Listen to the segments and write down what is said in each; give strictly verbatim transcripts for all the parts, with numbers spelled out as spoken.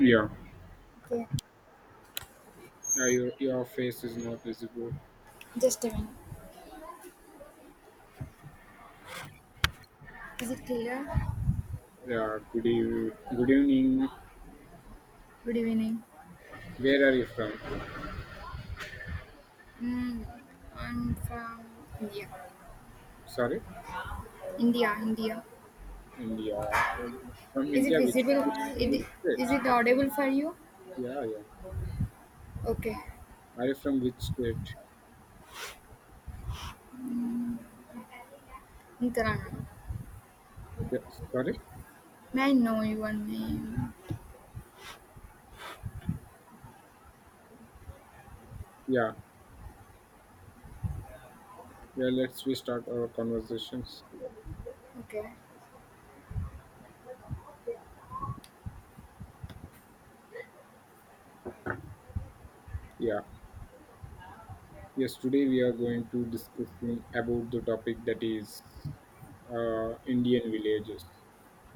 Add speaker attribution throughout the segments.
Speaker 1: Yeah,
Speaker 2: Okay,
Speaker 1: uh, your, your face is not visible.
Speaker 2: just a minute. Is it clear?
Speaker 1: Yeah, good evening. Good evening.
Speaker 2: Good evening.
Speaker 1: Where are you from?
Speaker 2: Mm, I'm from India.
Speaker 1: Sorry,
Speaker 2: India, India.
Speaker 1: India. Um, From
Speaker 2: Is it
Speaker 1: India, which,
Speaker 2: visible?
Speaker 1: which,
Speaker 2: It,
Speaker 1: which
Speaker 2: is
Speaker 1: state?
Speaker 2: it audible for you?
Speaker 1: Yeah, yeah.
Speaker 2: Okay,
Speaker 1: Are you from which state?
Speaker 2: in Kannada.
Speaker 1: Yeah, sorry.
Speaker 2: May I know your name?
Speaker 1: Yeah, yeah. Let's we start our conversations.
Speaker 2: Okay,
Speaker 1: Yeah. Yes. Today we are going to discussing about the topic that is uh, Indian villages.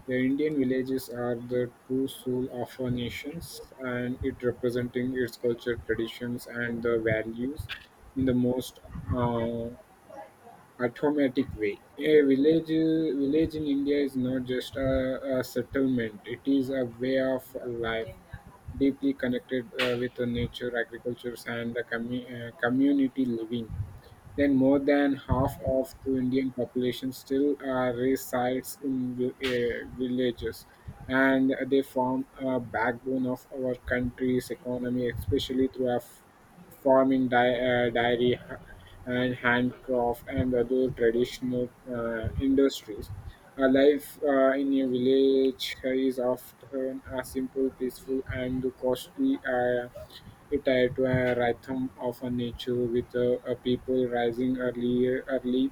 Speaker 1: The Indian villages are the true soul of a nation, and it representing its culture, traditions, and the values in the most uh, automatic way. A village, village in India is not just a, a settlement; it is a way of life, deeply connected uh, with the nature, agriculture, and the commu- uh, community living. Then more than half of the Indian population still uh, resides in vi- uh, villages, and they form a backbone of our country's economy, especially through our f- farming, di- uh, dairy, and handcraft and other traditional uh, industries. A life uh, in a village is often a simple, peaceful, and costly, uh, tied to a rhythm of a nature with uh, a people rising earlier, early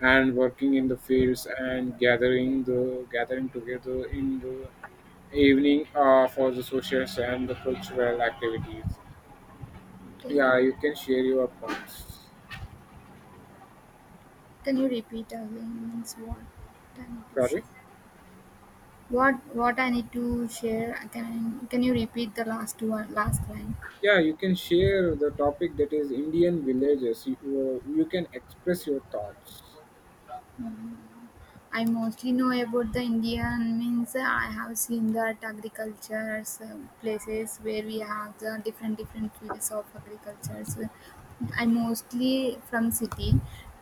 Speaker 1: and working in the fields and gathering, the gathering together in the evening uh, for the socials and the cultural activities.
Speaker 2: okay.
Speaker 1: Yeah, you can share your points.
Speaker 2: Can you repeat again? Means what I need to share?
Speaker 1: Sorry.
Speaker 2: What what I need to share? Can can you repeat the last one? Last line.
Speaker 1: Yeah, you can share the topic that is Indian villages. You, uh, you can express your thoughts.
Speaker 2: Mm. I mostly know about the Indian means uh, I have seen that agriculture places where we have the different different fields of agriculture. So I mostly from city,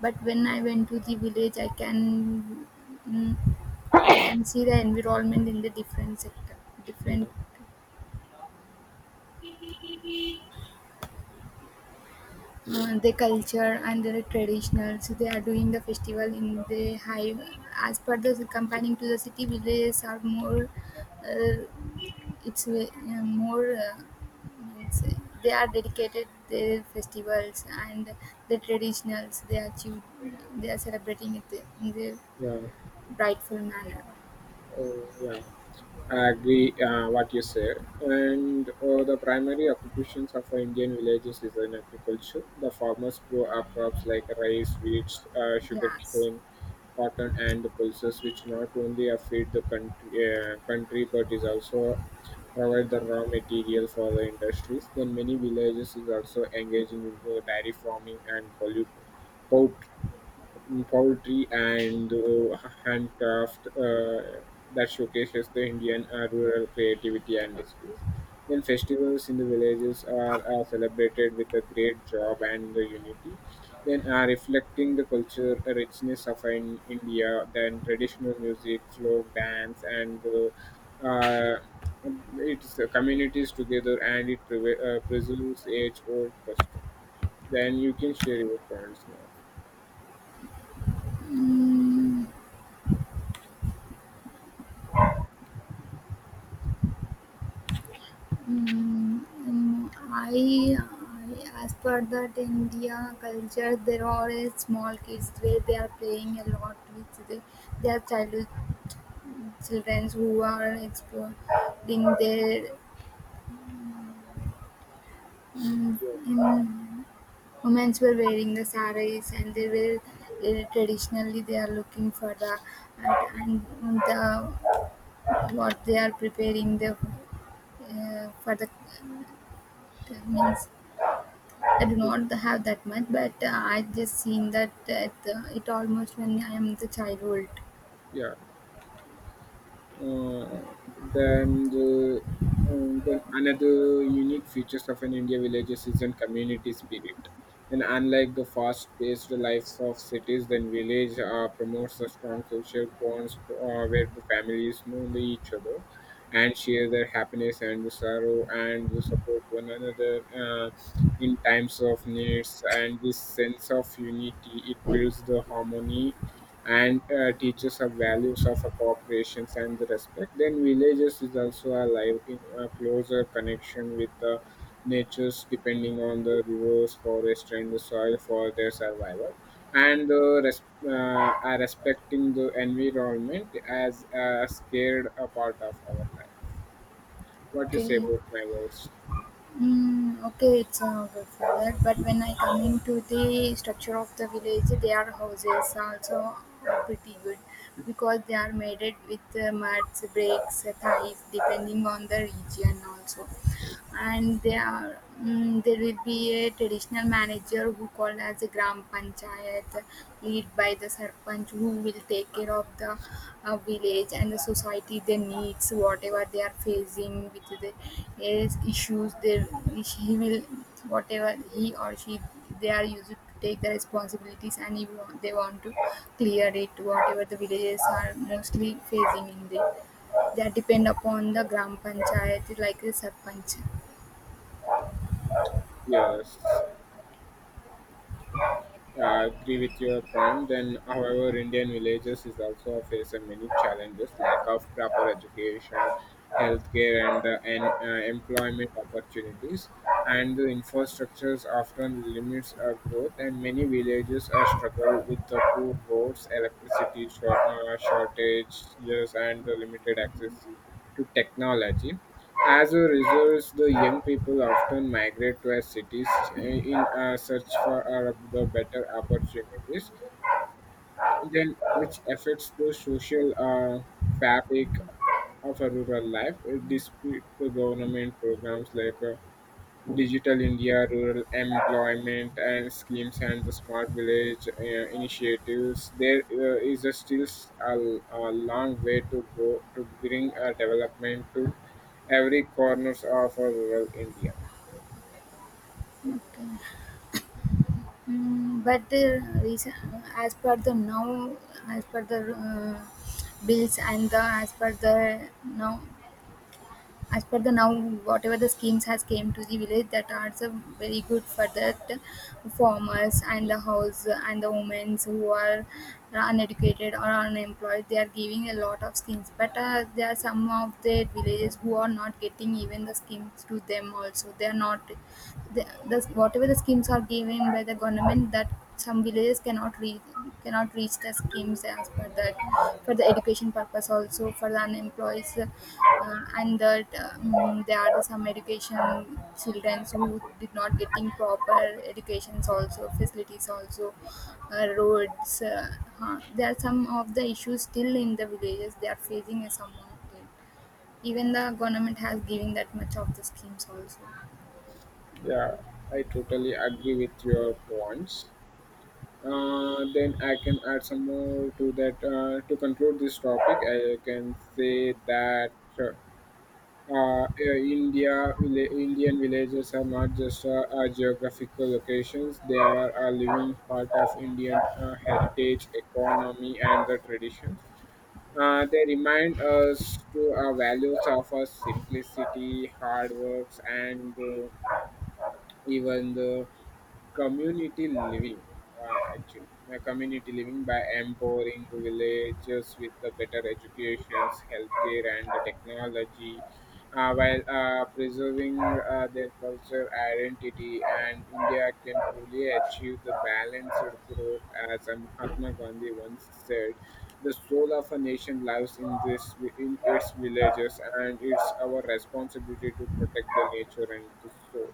Speaker 2: but when I went to the village, I can mm, I can see the environment in the different sector,
Speaker 1: Yeah,
Speaker 2: different uh, their culture and their traditional. So they are doing the festival in the hive. As per the comparing to the city villages are more, uh, it's uh, more. Uh, means they are dedicated their festivals and the traditionals. They are choo- they are celebrating it in the
Speaker 1: yeah,
Speaker 2: rightful manner.
Speaker 1: oh, yeah. I agree, uh, what you say. And uh, the primary occupations of Indian villages is in agriculture. The farmers grow our crops like rice, wheat, uh,
Speaker 2: Yes.
Speaker 1: sugarcane, cotton, and pulses, which not only uh, feed the country, uh, country but is also provide the raw material for the industries. Then many villages is also engaging in the dairy farming and pollute, mm, poultry, and uh, handcraft uh, that showcases the Indian uh, rural creativity and skills. Then festivals in the villages are, are celebrated with a great job and the unity. Then are reflecting the culture richness of in India. Then traditional music, folk dance, and uh, uh, it's uh, communities together, and it preve- uh, preserves age-old custom. Then you can share your points now.
Speaker 2: Mm. Mm, mm, I, I, as per that India culture, there are a small kids where they are playing a lot with the, their childhood children who are exploring their. Mm,
Speaker 1: Yeah.
Speaker 2: in, women were wearing the saris and they were uh, traditionally they are looking for the at and the what they are preparing the uh, for the means I do not have that much, but uh, I just seen that at, uh, it almost when I am the childhood.
Speaker 1: Yeah. Uh, then, the, um, then another unique features of an India villages is an community spirit. And unlike the fast-paced lives of cities, then village uh, promotes a strong social bonds uh, where the families know the each other and share their happiness and the sorrow and the support one another uh, in times of needs. And this sense of unity it builds the harmony and uh, teaches us values of a cooperation and the respect. Then villages is also alive in a closer connection with the natures, depending on the rivers, forest, and the soil for their survival. And the res- uh, are respecting the environment as a scared a part of our life. What you say
Speaker 2: Okay,
Speaker 1: about my words?
Speaker 2: mm, okay, it's uh, good for that. But when I come into the structure of the village, their houses also are pretty good because they are made it with uh, muds, bricks, uh, ties, depending on the region also. And there are mm, there will be a traditional manager who called as a gram panchayat lead by the sarpanch who will take care of the uh, village and the society their needs whatever they are facing with the is- issues they he will whatever he or she they are used to take the responsibilities and he want, they want to clear it whatever the villages are mostly facing in the that depend upon the gram panchayat like the sarpanch.
Speaker 1: Yes. I agree with your point. Then, however, Indian villages is also face many challenges: lack of proper education, healthcare, and uh, and uh, employment opportunities, and the infrastructures often limits uh, growth. And many villages are struggle with the poor roads, electricity short, uh, shortages, and the limited access to technology. As a result, the young people often migrate to our cities uh, in a search for uh, the better opportunities, then which affects the social uh, fabric of a rural life, uh, despite the government programs like uh, Digital India, rural employment and schemes, and the smart village uh, initiatives. There uh, is a still s- a, a long way to go to bring a development to every corners of our rural India.
Speaker 2: Okay. Mm, but the reason, as per the now, as per the uh, bills and the as per the now, as per the now, whatever the schemes has came to the village, that are so very good for that farmers and the house and the women who are uneducated or unemployed. They are giving a lot of schemes, but uh, there are some of the villages who are not getting even the schemes to them. Also, they are not the, the whatever the schemes are given by the government that some villages cannot reach cannot reach the schemes as per that for the education purpose also for the unemployed uh, and that um, there are some education children who did not getting proper educations also facilities also uh, roads uh, huh. There are some of the issues still in the villages they are facing uh, some of it even the government has given that much of the schemes also.
Speaker 1: Yeah, I totally agree with your points. Uh, then I can add some more to that. Uh, to conclude this topic, I can say that. uh, uh, uh, India, villa- Indian villages are not just uh, uh, geographical locations; they are a living part of Indian uh, heritage, economy, and the tradition. Uh, they remind us to our values of our simplicity, hard works, and uh, even the community living, uh, actually, uh, community living by empowering villages with the better education, healthcare, and the technology, uh, while uh, preserving uh, their culture identity, and India can truly achieve the balanced growth. As uh, Mahatma Gandhi once said, the soul of a nation lives in this in its villages, and it's our responsibility to protect the nature and the soul.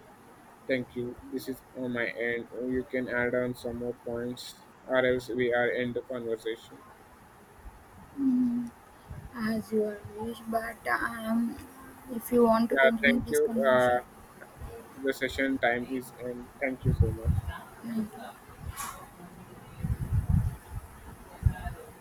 Speaker 1: Thank you. This is on my end. Uh, You can add on some more points, or else we are end the conversation.
Speaker 2: Mm, as your wish, but um, if you want to
Speaker 1: Yeah,
Speaker 2: continue
Speaker 1: thank
Speaker 2: this
Speaker 1: you.
Speaker 2: conversation,
Speaker 1: Uh, the session time is end. Thank you so much.
Speaker 2: I